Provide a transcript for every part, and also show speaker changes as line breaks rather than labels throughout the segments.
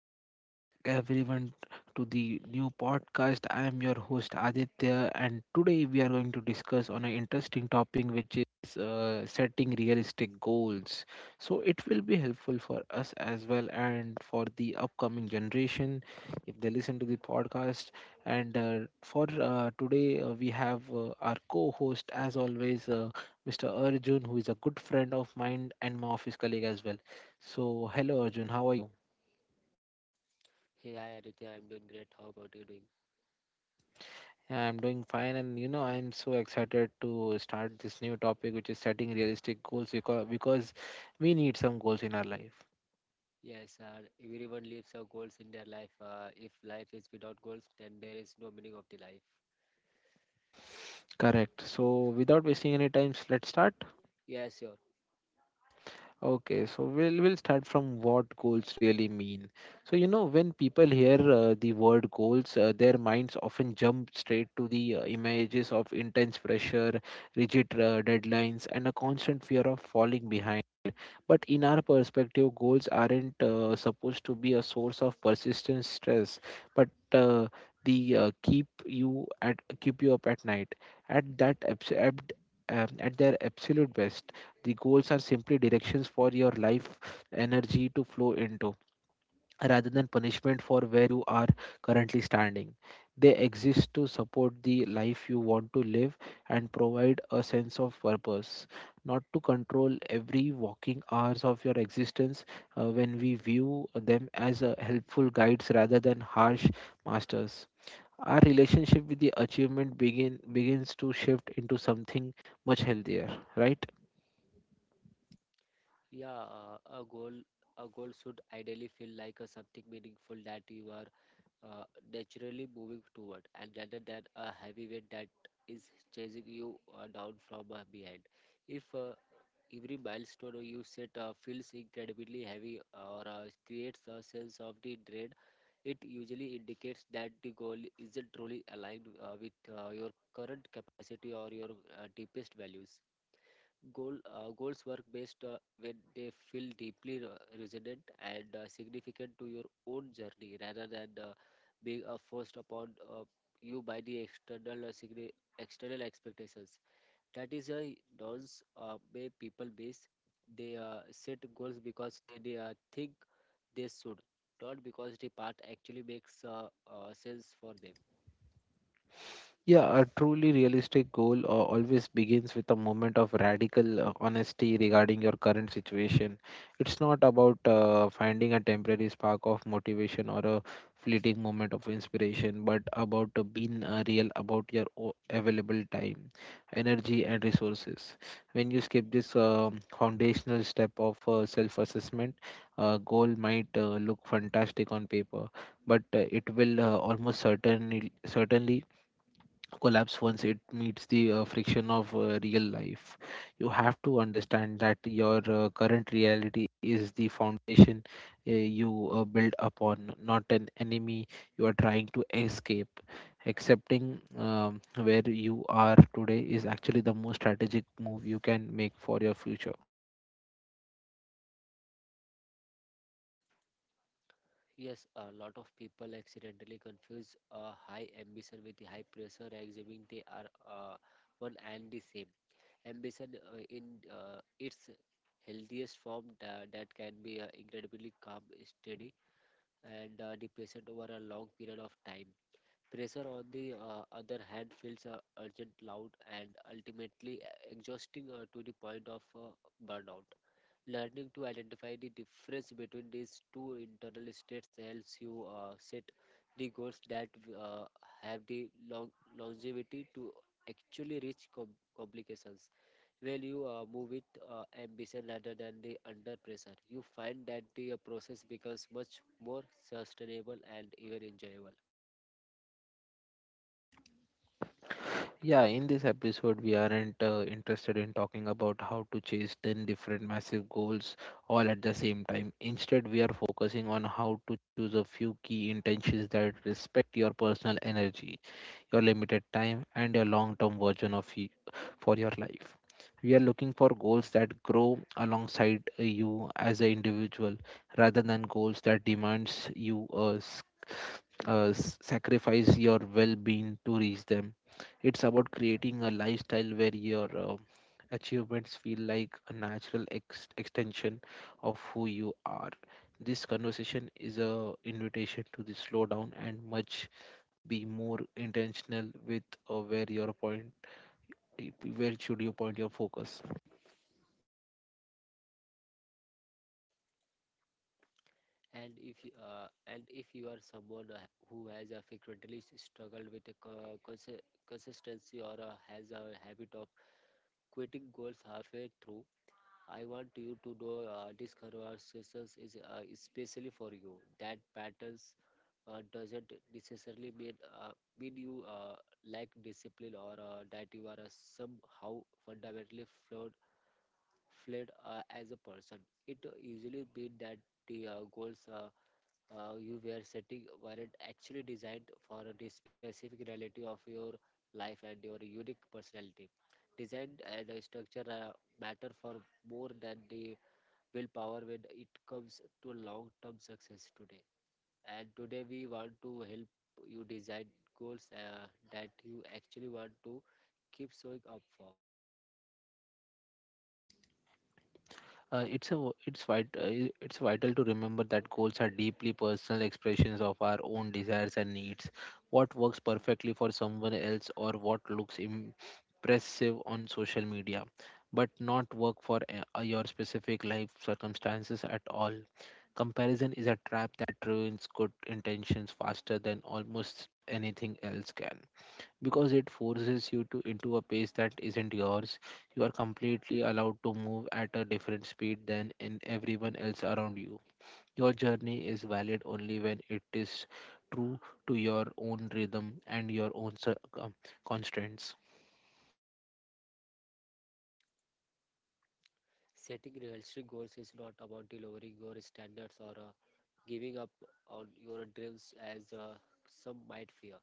welcome back, everyone, to the new podcast. I am your host Aditya, and today we are going to discuss on an interesting topic, which is setting realistic goals. So it will be helpful for us as well, and for the upcoming generation if they listen to the podcast. We have our co-host, as always, Mr. Arjun, who is a good friend of mine and my office colleague as well. So, hello, Arjun. How are you?
Hey, hi Aditya, I'm doing great. How about you doing?
Yeah, I'm doing fine, and you know, I'm so excited to start this new topic, which is setting realistic goals because we need some goals in our life.
Yes, everyone lives goals in their life. If life is without goals, then there is no meaning of the life.
Correct. So, without wasting any time, let's start.
Yes, sure.
Okay, so we'll start from what goals really mean. So, you know, when people hear the word goals, their minds often jump straight to the images of intense pressure, rigid deadlines, and a constant fear of falling behind. But in our perspective, goals aren't supposed to be a source of persistent stress, but the keep you at keep you up at night. At that abs- ab- at their absolute best, the goals are simply directions for your life energy to flow into rather than punishment for where you are currently standing. They exist to support the life you want to live and provide a sense of purpose, not to control every walking hours of your existence when we view them as helpful guides rather than harsh masters. Our relationship with the achievement begins to shift into something much healthier, right?
Yeah, a goal should ideally feel like something meaningful that you are uh, naturally moving toward, and rather than a heavy weight that is chasing you down from behind. If Every milestone you set feels incredibly heavy or creates a sense of the dread. It usually indicates that the goal isn't truly aligned with your current capacity or your deepest values. Goals work best when they feel deeply resonant and significant to your own journey, rather than being forced upon you by the external expectations. That is a those way people base, they set goals because they think they should, not because the path actually makes sense for them.
Yeah, a truly realistic goal always begins with a moment of radical honesty regarding your current situation. It's not about finding a temporary spark of motivation or a fleeting moment of inspiration, but about being real about your available time, energy, and resources. When you skip this foundational step of self assessment, a goal might look fantastic on paper, but it will almost certainly collapse once it meets the friction of real life. You have to understand that your current reality is the foundation you build upon, not an enemy you are trying to escape. Accepting where you are today is actually the most strategic move you can make for your future.
Yes, a lot of people accidentally confuse high ambition with the high pressure, assuming they are one and the same. Ambition in its healthiest form, that can be incredibly calm, steady, and the patient over a long period of time. Pressure, on the other hand, feels urgent, loud, and ultimately exhausting to the point of burnout. Learning to identify the difference between these two internal states helps you set the goals that uh, have the longevity to actually reach complications. When you move with ambition rather than the under pressure, you find that the process becomes much more sustainable and even enjoyable.
Yeah, in this episode, we aren't interested in talking about how to chase 10 different massive goals all at the same time. Instead, we are focusing on how to choose a few key intentions that respect your personal energy, your limited time, and your long term version of you, for your life. We are looking for goals that grow alongside you as an individual rather than goals that demands you sacrifice your well-being to reach them. It's about creating a lifestyle where your achievements feel like a natural extension of who you are. This conversation is a invitation to the slow down and much be more intentional with uh, where your point where should you point your focus.
And if you are someone who has frequently struggled with a consistency or has a habit of quitting goals halfway through, I want you to know this conversation is especially for you. That patterns doesn't necessarily uh, mean you lack discipline or that you are somehow fundamentally flawed as a person. It usually means that the goals you were setting were it actually designed for the specific reality of your life and your unique personality. Design and structure matter for more than the willpower when it comes to long-term success today. And today we want to help you design goals that you actually want to keep showing up for.
uh, it's a it's vital to remember that goals are deeply personal expressions of our own desires and needs. What works perfectly for someone else or what looks impressive on social media but not work for your specific life circumstances at all. Comparison is a trap that ruins good intentions faster than almost anything else can, because it forces you to into a pace that isn't yours. You are completely allowed to move at a different speed than in everyone else around you. Your journey is valid only when it is true to your own rhythm and your own um, constraints.
Setting realistic goals is not about delivering your standards or giving up on your dreams, as some might fear.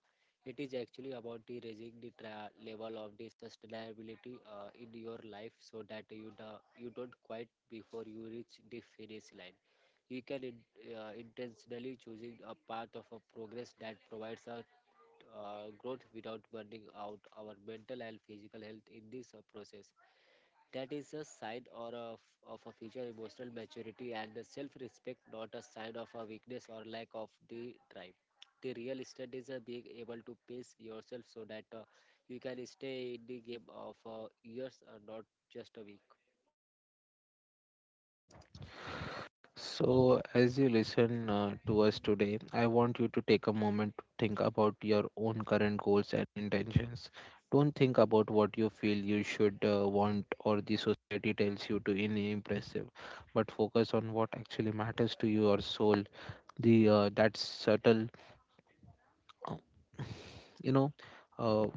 It is actually about the raising the level of the sustainability in your life so that you don't quit before you reach the finish line. Intentionally choosing a path of a progress that provides a growth without burning out our mental and physical health in this process. That is a sign or a f of a future emotional maturity and a self-respect, not a sign of a weakness or lack of the drive. The real estate is being able to pace yourself so that you can stay in the game of years, not just a week.
So, as you listen to us today, I want you to take a moment to think about your own current goals and intentions. Don't think about what you feel you should want or the society tells you to in impressive, but focus on what actually matters to your soul. The that subtle, uh, you know. Uh,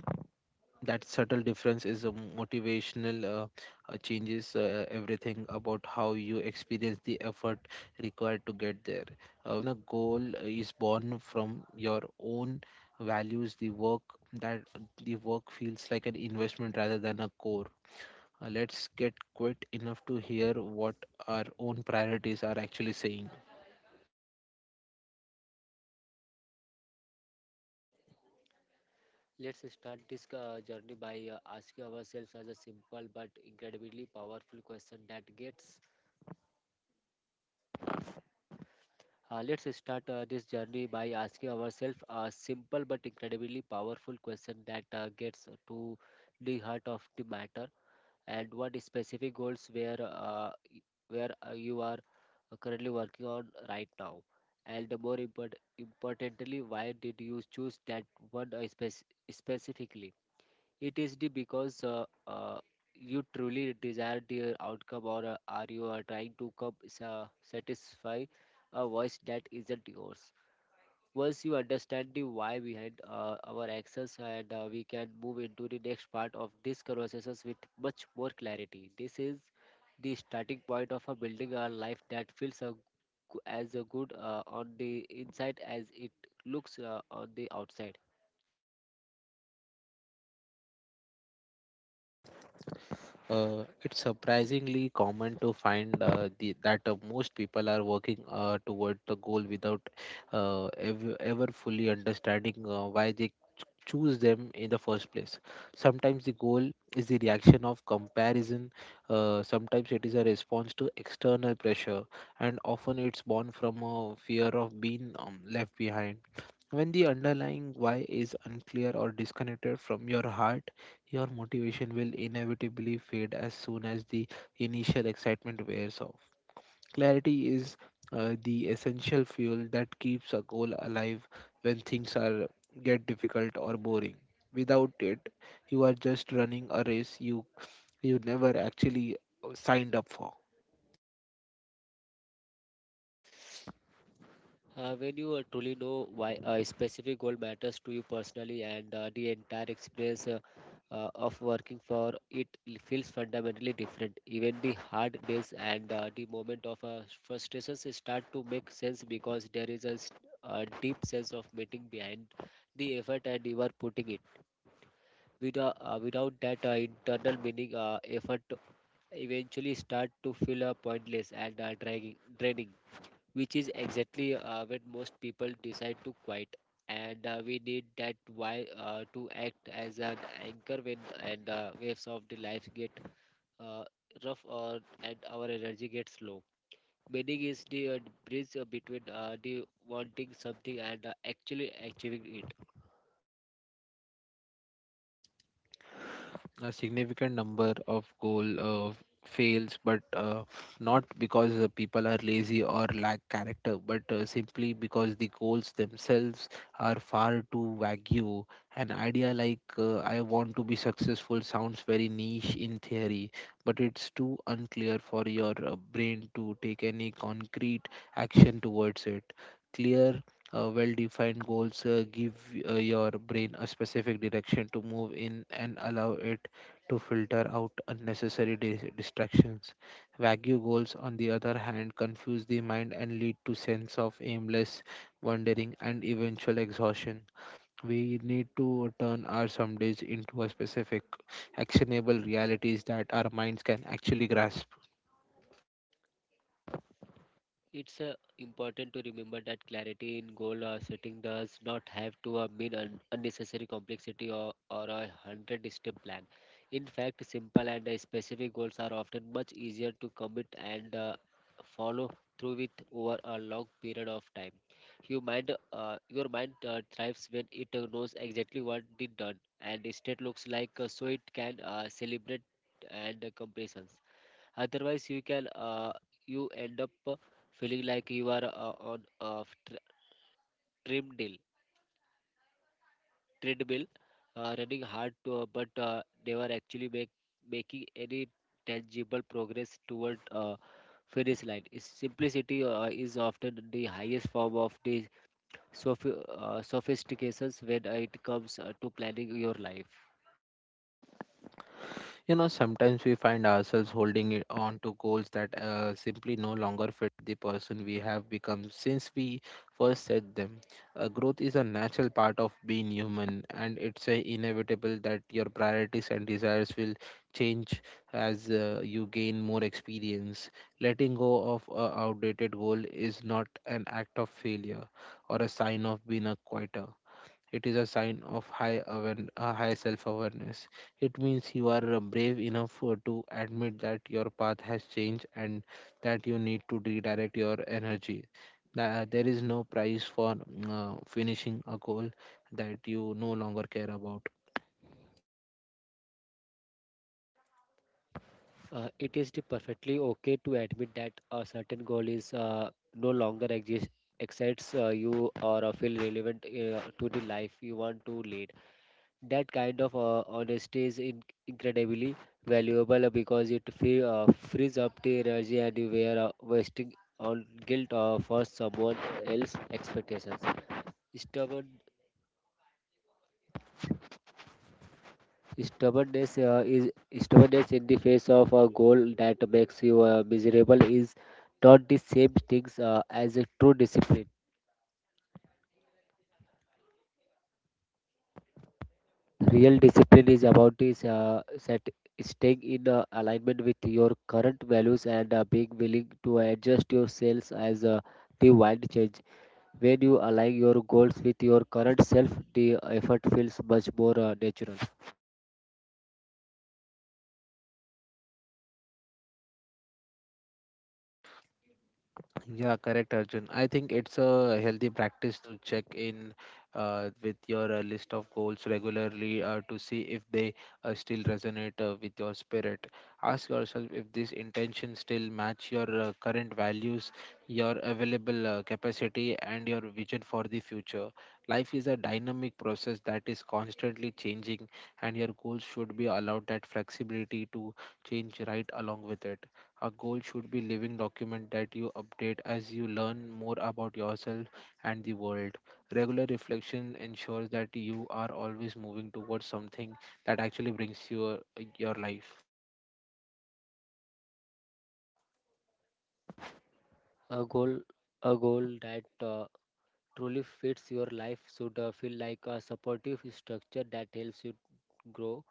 that subtle difference is a motivational changes everything about how you experience the effort required to get there. When a goal is born from your own values, that the work feels like an investment rather than a core. Let's get quit enough to hear what our own priorities are actually saying.
Let's start this journey by asking ourselves as a simple but incredibly powerful question that gets let's start this journey by asking ourselves a simple but incredibly powerful question that gets to the heart of the matter. And what specific goals where y- where you are currently working on right now, and more importantly, why did you choose that one specifically? It is the because you truly desire the outcome, or are you are trying to satisfy a voice that isn't yours? Once you understand the why behind our actions, and we can move into the next part of these conversations with much more clarity. This is the starting point of a building a life that feels a, g- as a good on the inside as it looks on the outside.
It's surprisingly common to find that most people are working toward the goal without ever fully understanding why they choose them in the first place. Sometimes the goal is the reaction of comparison, sometimes it is a response to external pressure, and often it's born from a fear of being left behind. When the underlying why is unclear or disconnected from your heart, your motivation will inevitably fade as soon as the initial excitement wears off. Clarity is the essential fuel that keeps a goal alive when things are get difficult or boring. Without it, you are just running a race you never actually signed up for.
When you truly know why a specific goal matters to you personally, and the entire experience of working for it feels fundamentally different. Even the hard days and the moment of frustrations start to make sense because there is a, s- a deep sense of meaning behind the effort and you are putting it. Without that internal meaning, effort eventually start to feel pointless and dragging, draining, which is exactly when most people decide to quit. And we need that why to act as an anchor when and waves of the life get uh, rough, or and our energy gets low. Meaning is the bridge between the wanting something and actually achieving it.
A significant number of goal fails but not because people are lazy or lack character but simply because the goals themselves are far too vague. An idea like I want to be successful sounds very niche in theory, but it's too unclear for your brain to take any concrete action towards it. Clear, well defined goals give your brain a specific direction to move in and allow it to filter out unnecessary distractions. Vague goals, on the other hand, confuse the mind and lead to sense of aimless wandering and eventual exhaustion. We need to turn our some days into a specific, actionable realities that our minds can actually grasp.
It's important to remember that clarity in goal setting does not have to mean unnecessary complexity, or a hundred step plan. In fact, simple and specific goals are often much easier to commit and follow through with over a long period of time. Your mind thrives when it knows exactly what it done, and instead looks like so it can celebrate and comparisons. Otherwise you can you end up feeling like you are on a treadmill treadmill running hard to, but never actually make making any tangible progress toward finish line. Its simplicity is often the highest form of the sophistications when it comes to planning your life.
You know, sometimes we find ourselves holding it on to goals that simply no longer fit the person we have become since we first set them. Growth is a natural part of being human, and it's inevitable that your priorities and desires will change as you gain more experience. Letting go of an outdated goal is not an act of failure or a sign of being a quitter. It is a sign of high self-awareness. It means you are brave enough to admit that your path has changed and that you need to redirect your energy. There is no price for finishing a goal that you no longer care about.
It is the perfectly okay to admit that a certain goal is no longer exist, excites you, or feel relevant to the life you want to lead. That kind of honesty is incredibly valuable because it frees up the energy and you were wasting on guilt for someone else's expectations. Stubborn Stubbornness is stubbornness in the face of a goal that makes you miserable is not the same things as a true discipline. Real discipline is about staying in alignment with your current values and being willing to adjust yourselves as the wind change. When you align your goals with your current self, the effort feels much more natural.
Yeah, correct, Arjun. I think it's a healthy practice to check in with your list of goals regularly to see if they still resonate with your spirit. Ask yourself if these intentions still match your current values, your available capacity, and your vision for the future. Life is a dynamic process that is constantly changing, and your goals should be allowed that flexibility to change right along with it. A goal should be living document that you update as you learn more about yourself and the world. Regular reflection ensures that you are always moving towards something that actually brings you your life.
A goal, a goal that truly fits your life should feel like a supportive structure that helps you grow,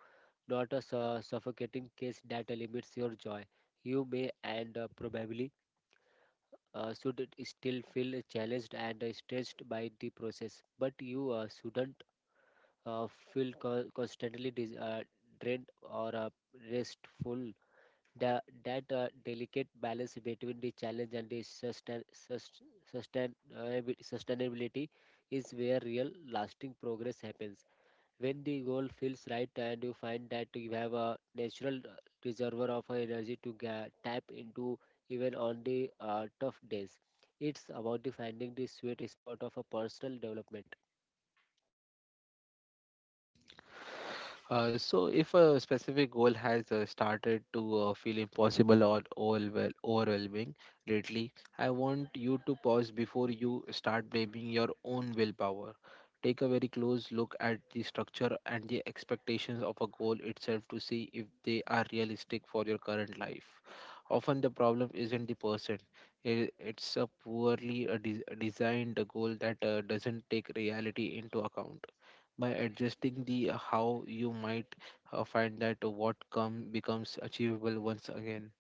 not a suffocating case that limits your joy. You may and probably should it still feel challenged and stressed by the process, but you shouldn't uh, feel constantly drained or restful. The, that delicate balance between the challenge and the sustainability is where real lasting progress happens. When the goal feels right and you find that you have a natural reservoir of energy to tap into even on the tough days, it's about the finding the sweet spot of a personal development.
So, if a specific goal has started to feel impossible or overwhelming lately, I want you to pause before you start blaming your own willpower. Take a very close look at the structure and the expectations of a goal itself to see if they are realistic for your current life. Often, the problem isn't the person, it's a poorly designed goal that doesn't take reality into account. By adjusting the how you might find that what come becomes achievable once again.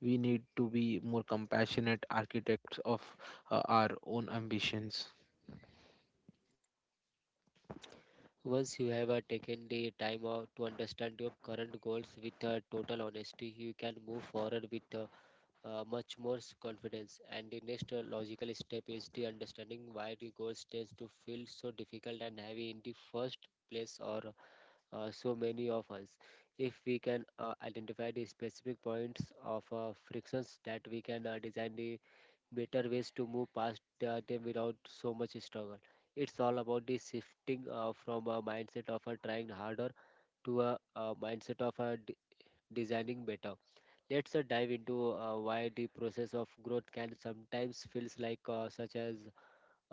We need to be more compassionate architects of our own ambitions.
Once you have taken the time out to understand your current goals with total honesty, you can move forward with much more confidence. And the next logical step is the understanding why the goals tends to feel so difficult and heavy in the first place or so many of us. If we can identify the specific points of frictions, that we can design the better ways to move past them without so much struggle. It's all about the shifting from a mindset of trying harder to a mindset of designing better. Let's dive into why the process of growth can sometimes feels like such as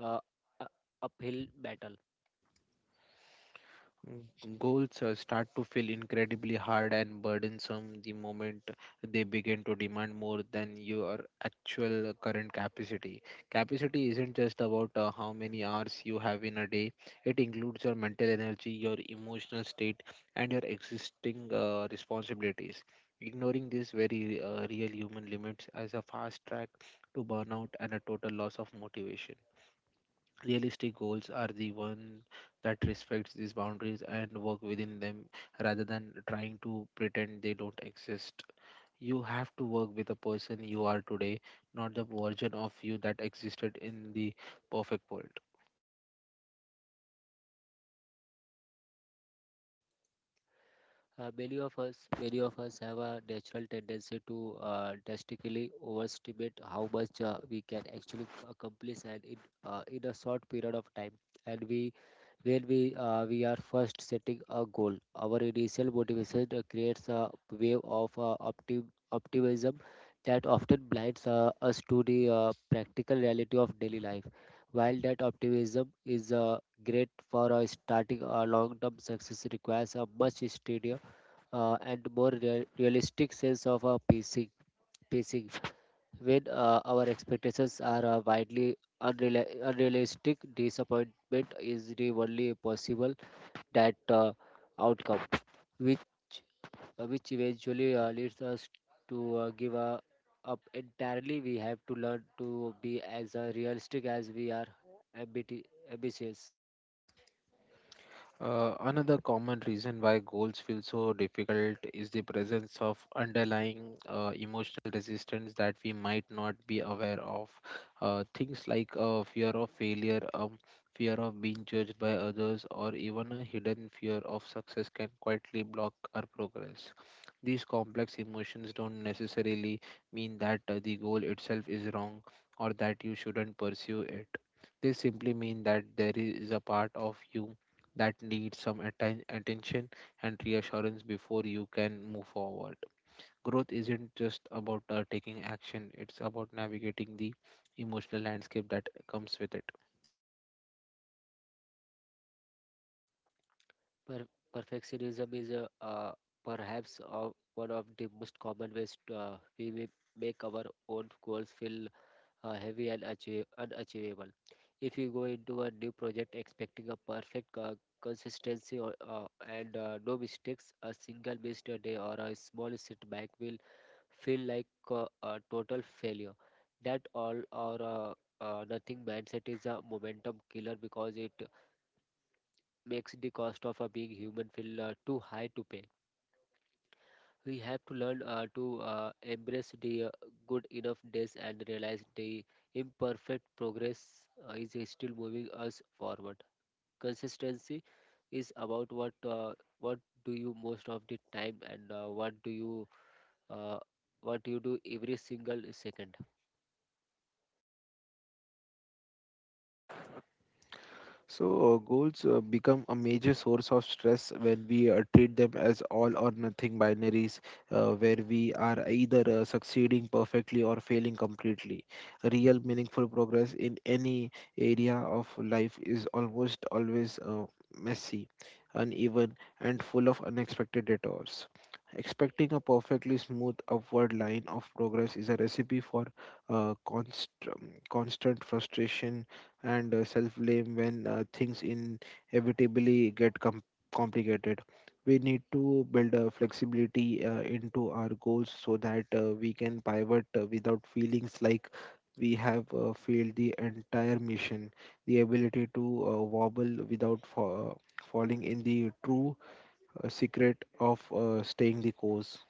uh, a- uphill battle.
Mm, goals start to feel incredibly hard and burdensome the moment they begin to demand more than your actual current capacity. Capacity isn't just about how many hours you have in a day, it includes your mental energy, your emotional state, and your existing responsibilities. Ignoring these very real human limits as a fast track to burnout and a total loss of motivation. Realistic goals are the one that respects these boundaries and work within them rather than trying to pretend they don't exist. You have to work with the person you are today, not the version of you that existed in the perfect world.
Many of us have a natural tendency to drastically overestimate how much we can actually accomplish and in a short period of time, and we where we are first setting a goal. Our initial motivation creates a wave of optimism that often blinds us to the practical reality of daily life. While that optimism is great for starting a long-term success, requires a much steadier and more realistic sense of pacing. When our expectations are widely unrealistic, disappointment is the only possible that outcome, which which eventually leads us to give up entirely. We have to learn to be as realistic as we are ambiti- ambitious.
Another common reason why goals feel so difficult is the presence of underlying emotional resistance that we might not be aware of. Things like fear of failure, fear of being judged by others, or even a hidden fear of success can quietly block our progress. These complex emotions don't necessarily mean that the goal itself is wrong or that you shouldn't pursue it. They simply mean that there is a part of you that need some attention and reassurance before you can move forward. Growth isn't just about taking action, it's about navigating the emotional landscape that comes with it.
Per- perfectionism is perhaps one of the most common ways we may make our own goals feel heavy and achieve, unachievable. If you go into a new project expecting a perfect consistency or, and no mistakes, a single missed day or a small setback will feel like a total failure. That all or nothing mindset is a momentum killer because it makes the cost of being human feel too high to pay. We have to learn to embrace the good enough days and realize the imperfect progress is still moving us forward. Consistency is about what do you most of the time, and what do you uh, what you do every single second.
So, goals become a major source of stress when we treat them as all or nothing binaries, where we are either succeeding perfectly or failing completely. Real meaningful progress in any area of life is almost always messy, uneven, and full of unexpected detours. Expecting a perfectly smooth upward line of progress is a recipe for constant frustration and self-blame when things inevitably get complicated. We need to build a flexibility into our goals so that we can pivot without feelings like we have failed the entire mission. The ability to wobble without falling in the true secret of staying the course.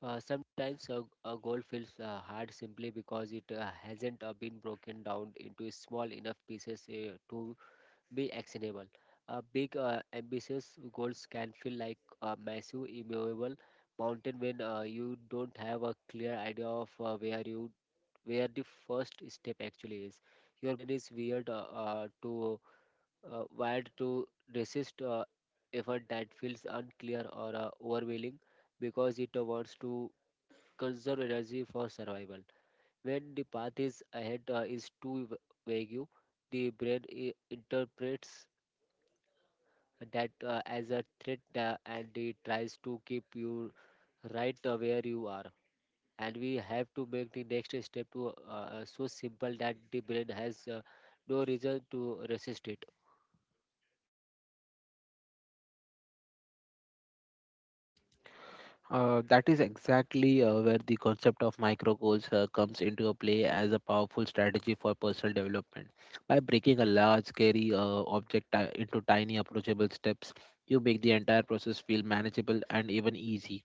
Sometimes a goal feels hard simply because it hasn't been broken down into small enough pieces to be actionable. Big, ambitious goals can feel like a massive, immovable mountain when you don't have a clear idea of where you where the first step actually is. Your brain is weird to wired to resist effort that feels unclear or overwhelming because it wants to conserve energy for survival. When the path is ahead is too vague, the brain interprets that as a threat, and it tries to keep you right where you are, and we have to make the next step to so simple that the brain has no reason to resist it.
That is exactly where the concept of micro goals comes into a play as a powerful strategy for personal development. By breaking a large, scary object into tiny, approachable steps, you make the entire process feel manageable and even easy.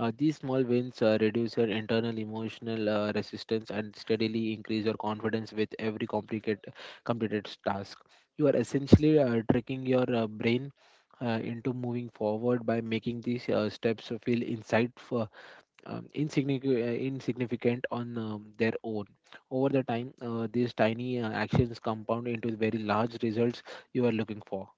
These small wins reduce your internal emotional resistance and steadily increase your confidence with every complicated completed task. You are essentially tricking your brain into moving forward by making these steps feel insignificant on their own. Over the time, these tiny actions compound into the very large results you are looking for.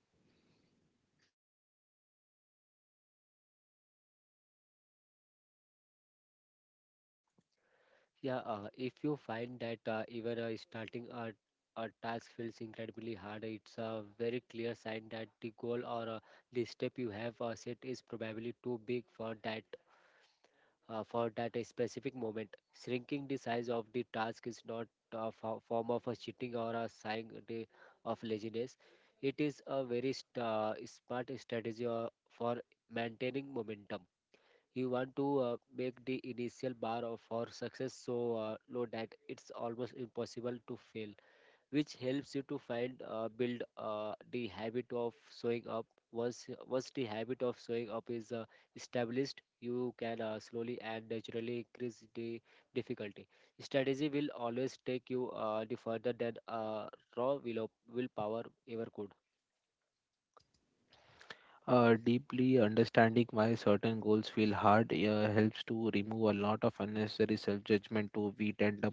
Yeah, if you find that even starting a task feels incredibly hard, it's a very clear sign that the goal or the step you have set is probably too big for that specific moment. Shrinking the size of the task is not a form of a cheating or a sign of laziness. It is a very smart strategy for maintaining momentum. You want to make the initial bar for success so low that it's almost impossible to fail, which helps you to find build the habit of showing up. Once the habit of showing up is established, you can slowly and naturally increase the difficulty. Strategy will always take you the further than raw will of willpower ever could.
Deeply understanding why certain goals feel hard helps to remove a lot of unnecessary self judgment too. We tend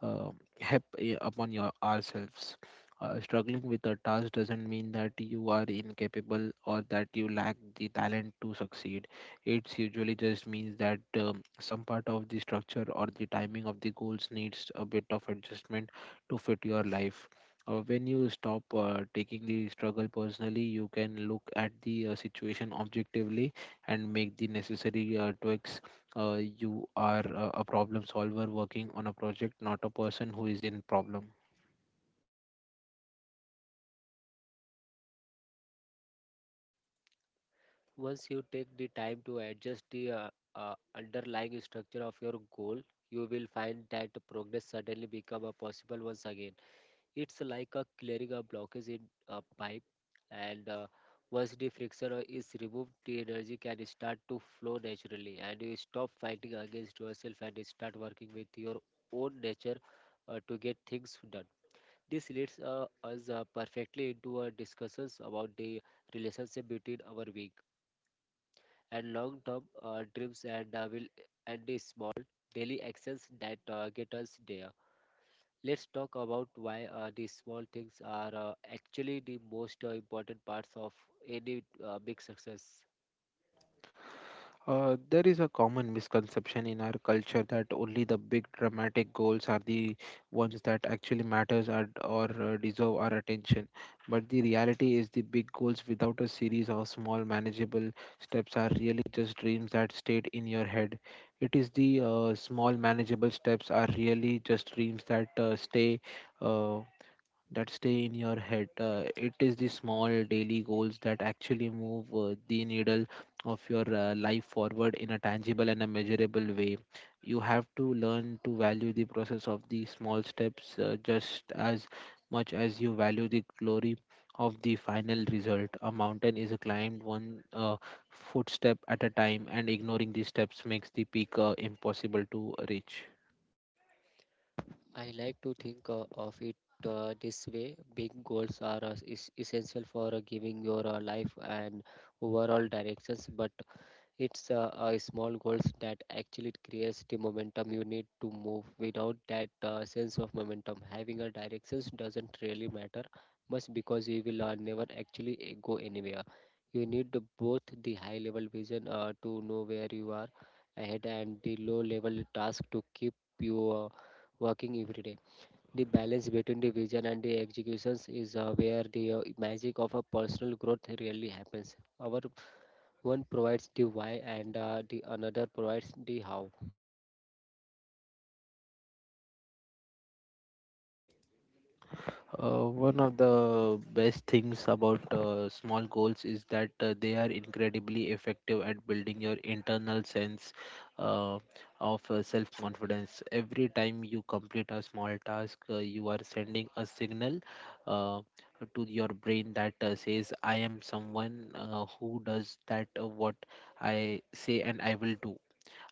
uh, help eh, upon your ourselves. Struggling with a task doesn't mean that you are incapable or that you lack the talent to succeed. It's usually just means that some part of the structure or the timing of the goals needs a bit of adjustment to fit your life. When you stop taking the struggle personally, you can look at the situation objectively and make the necessary tweaks you are a problem solver working on a project, not a person who is in problem.
Once you take the time to adjust the underlying structure of your goal, you will find that progress suddenly become a possible once again. It's like a clearing a blockage in a pipe, and once the friction is removed, the energy can start to flow naturally, and you stop fighting against yourself and you start working with your own nature to get things done. This leads us perfectly into our discussions about the relationship between our weak and long-term dreams and will and the small daily actions that get us there. Let's talk about why these small things are actually the most important parts of any big success.
There is a common misconception in our culture that only the big dramatic goals are the ones that actually matters or deserve our attention. But the reality is the big goals without a series of small manageable steps are really just dreams that stayed in your head. It is the small manageable steps are really just dreams that stay. Uh, that stay in your head. It is the small daily goals that actually move the needle of your life forward in a tangible and a measurable way. You have to learn to value the process of the small steps just as much as you value the glory of the final result. A mountain is climbed one footstep at a time, and ignoring these steps makes the peak impossible to reach.
I like to think of it this way. Big goals are is essential for giving your life an overall directions, but it's small goals that actually creates the momentum you need to move. Without that sense of momentum, having a directions doesn't really matter much, because you will never actually go anywhere. You need both the high level vision to know where you are ahead, and the low level task to keep you working every day. The balance between the vision and the executions is where the magic of a personal growth really happens. Our one provides the why, and the another provides the how.
One of the best things about small goals is that they are incredibly effective at building your internal sense uh, of self confidence. Every time you complete a small task, you are sending a signal uh, to your brain that says, I am someone who does that, what I say, and I will do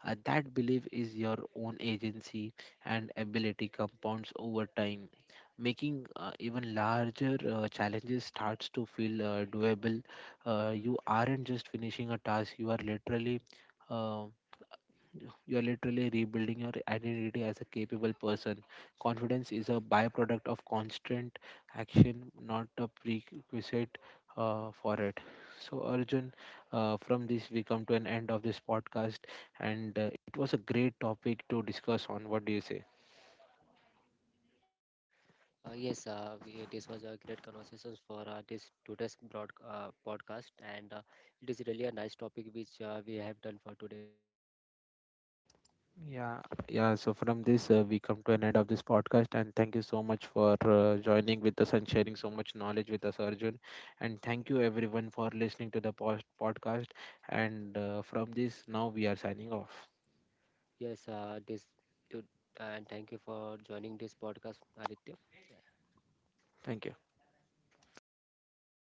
that belief is your own agency and ability compounds over time, making even larger challenges starts to feel doable. You aren't just finishing a task; you are literally. Um you are literally rebuilding your identity as a capable person. Confidence is a byproduct of constant action, not a prerequisite for it. So, Arjun, from this, we come to an end of this podcast, and it was a great topic to discuss on. What do you say?
Yes, this was a great conversation for this today's broad, podcast, and it is really a nice topic which we have done for today.
Yeah, yeah. So from this, we come to an end of this podcast, and thank you so much for joining with us and sharing so much knowledge with us, Arjun. And thank you everyone for listening to the post podcast. And from this, now we are signing off.
Yes, this to, and thank you for joining this podcast, Aditya.
Thank you.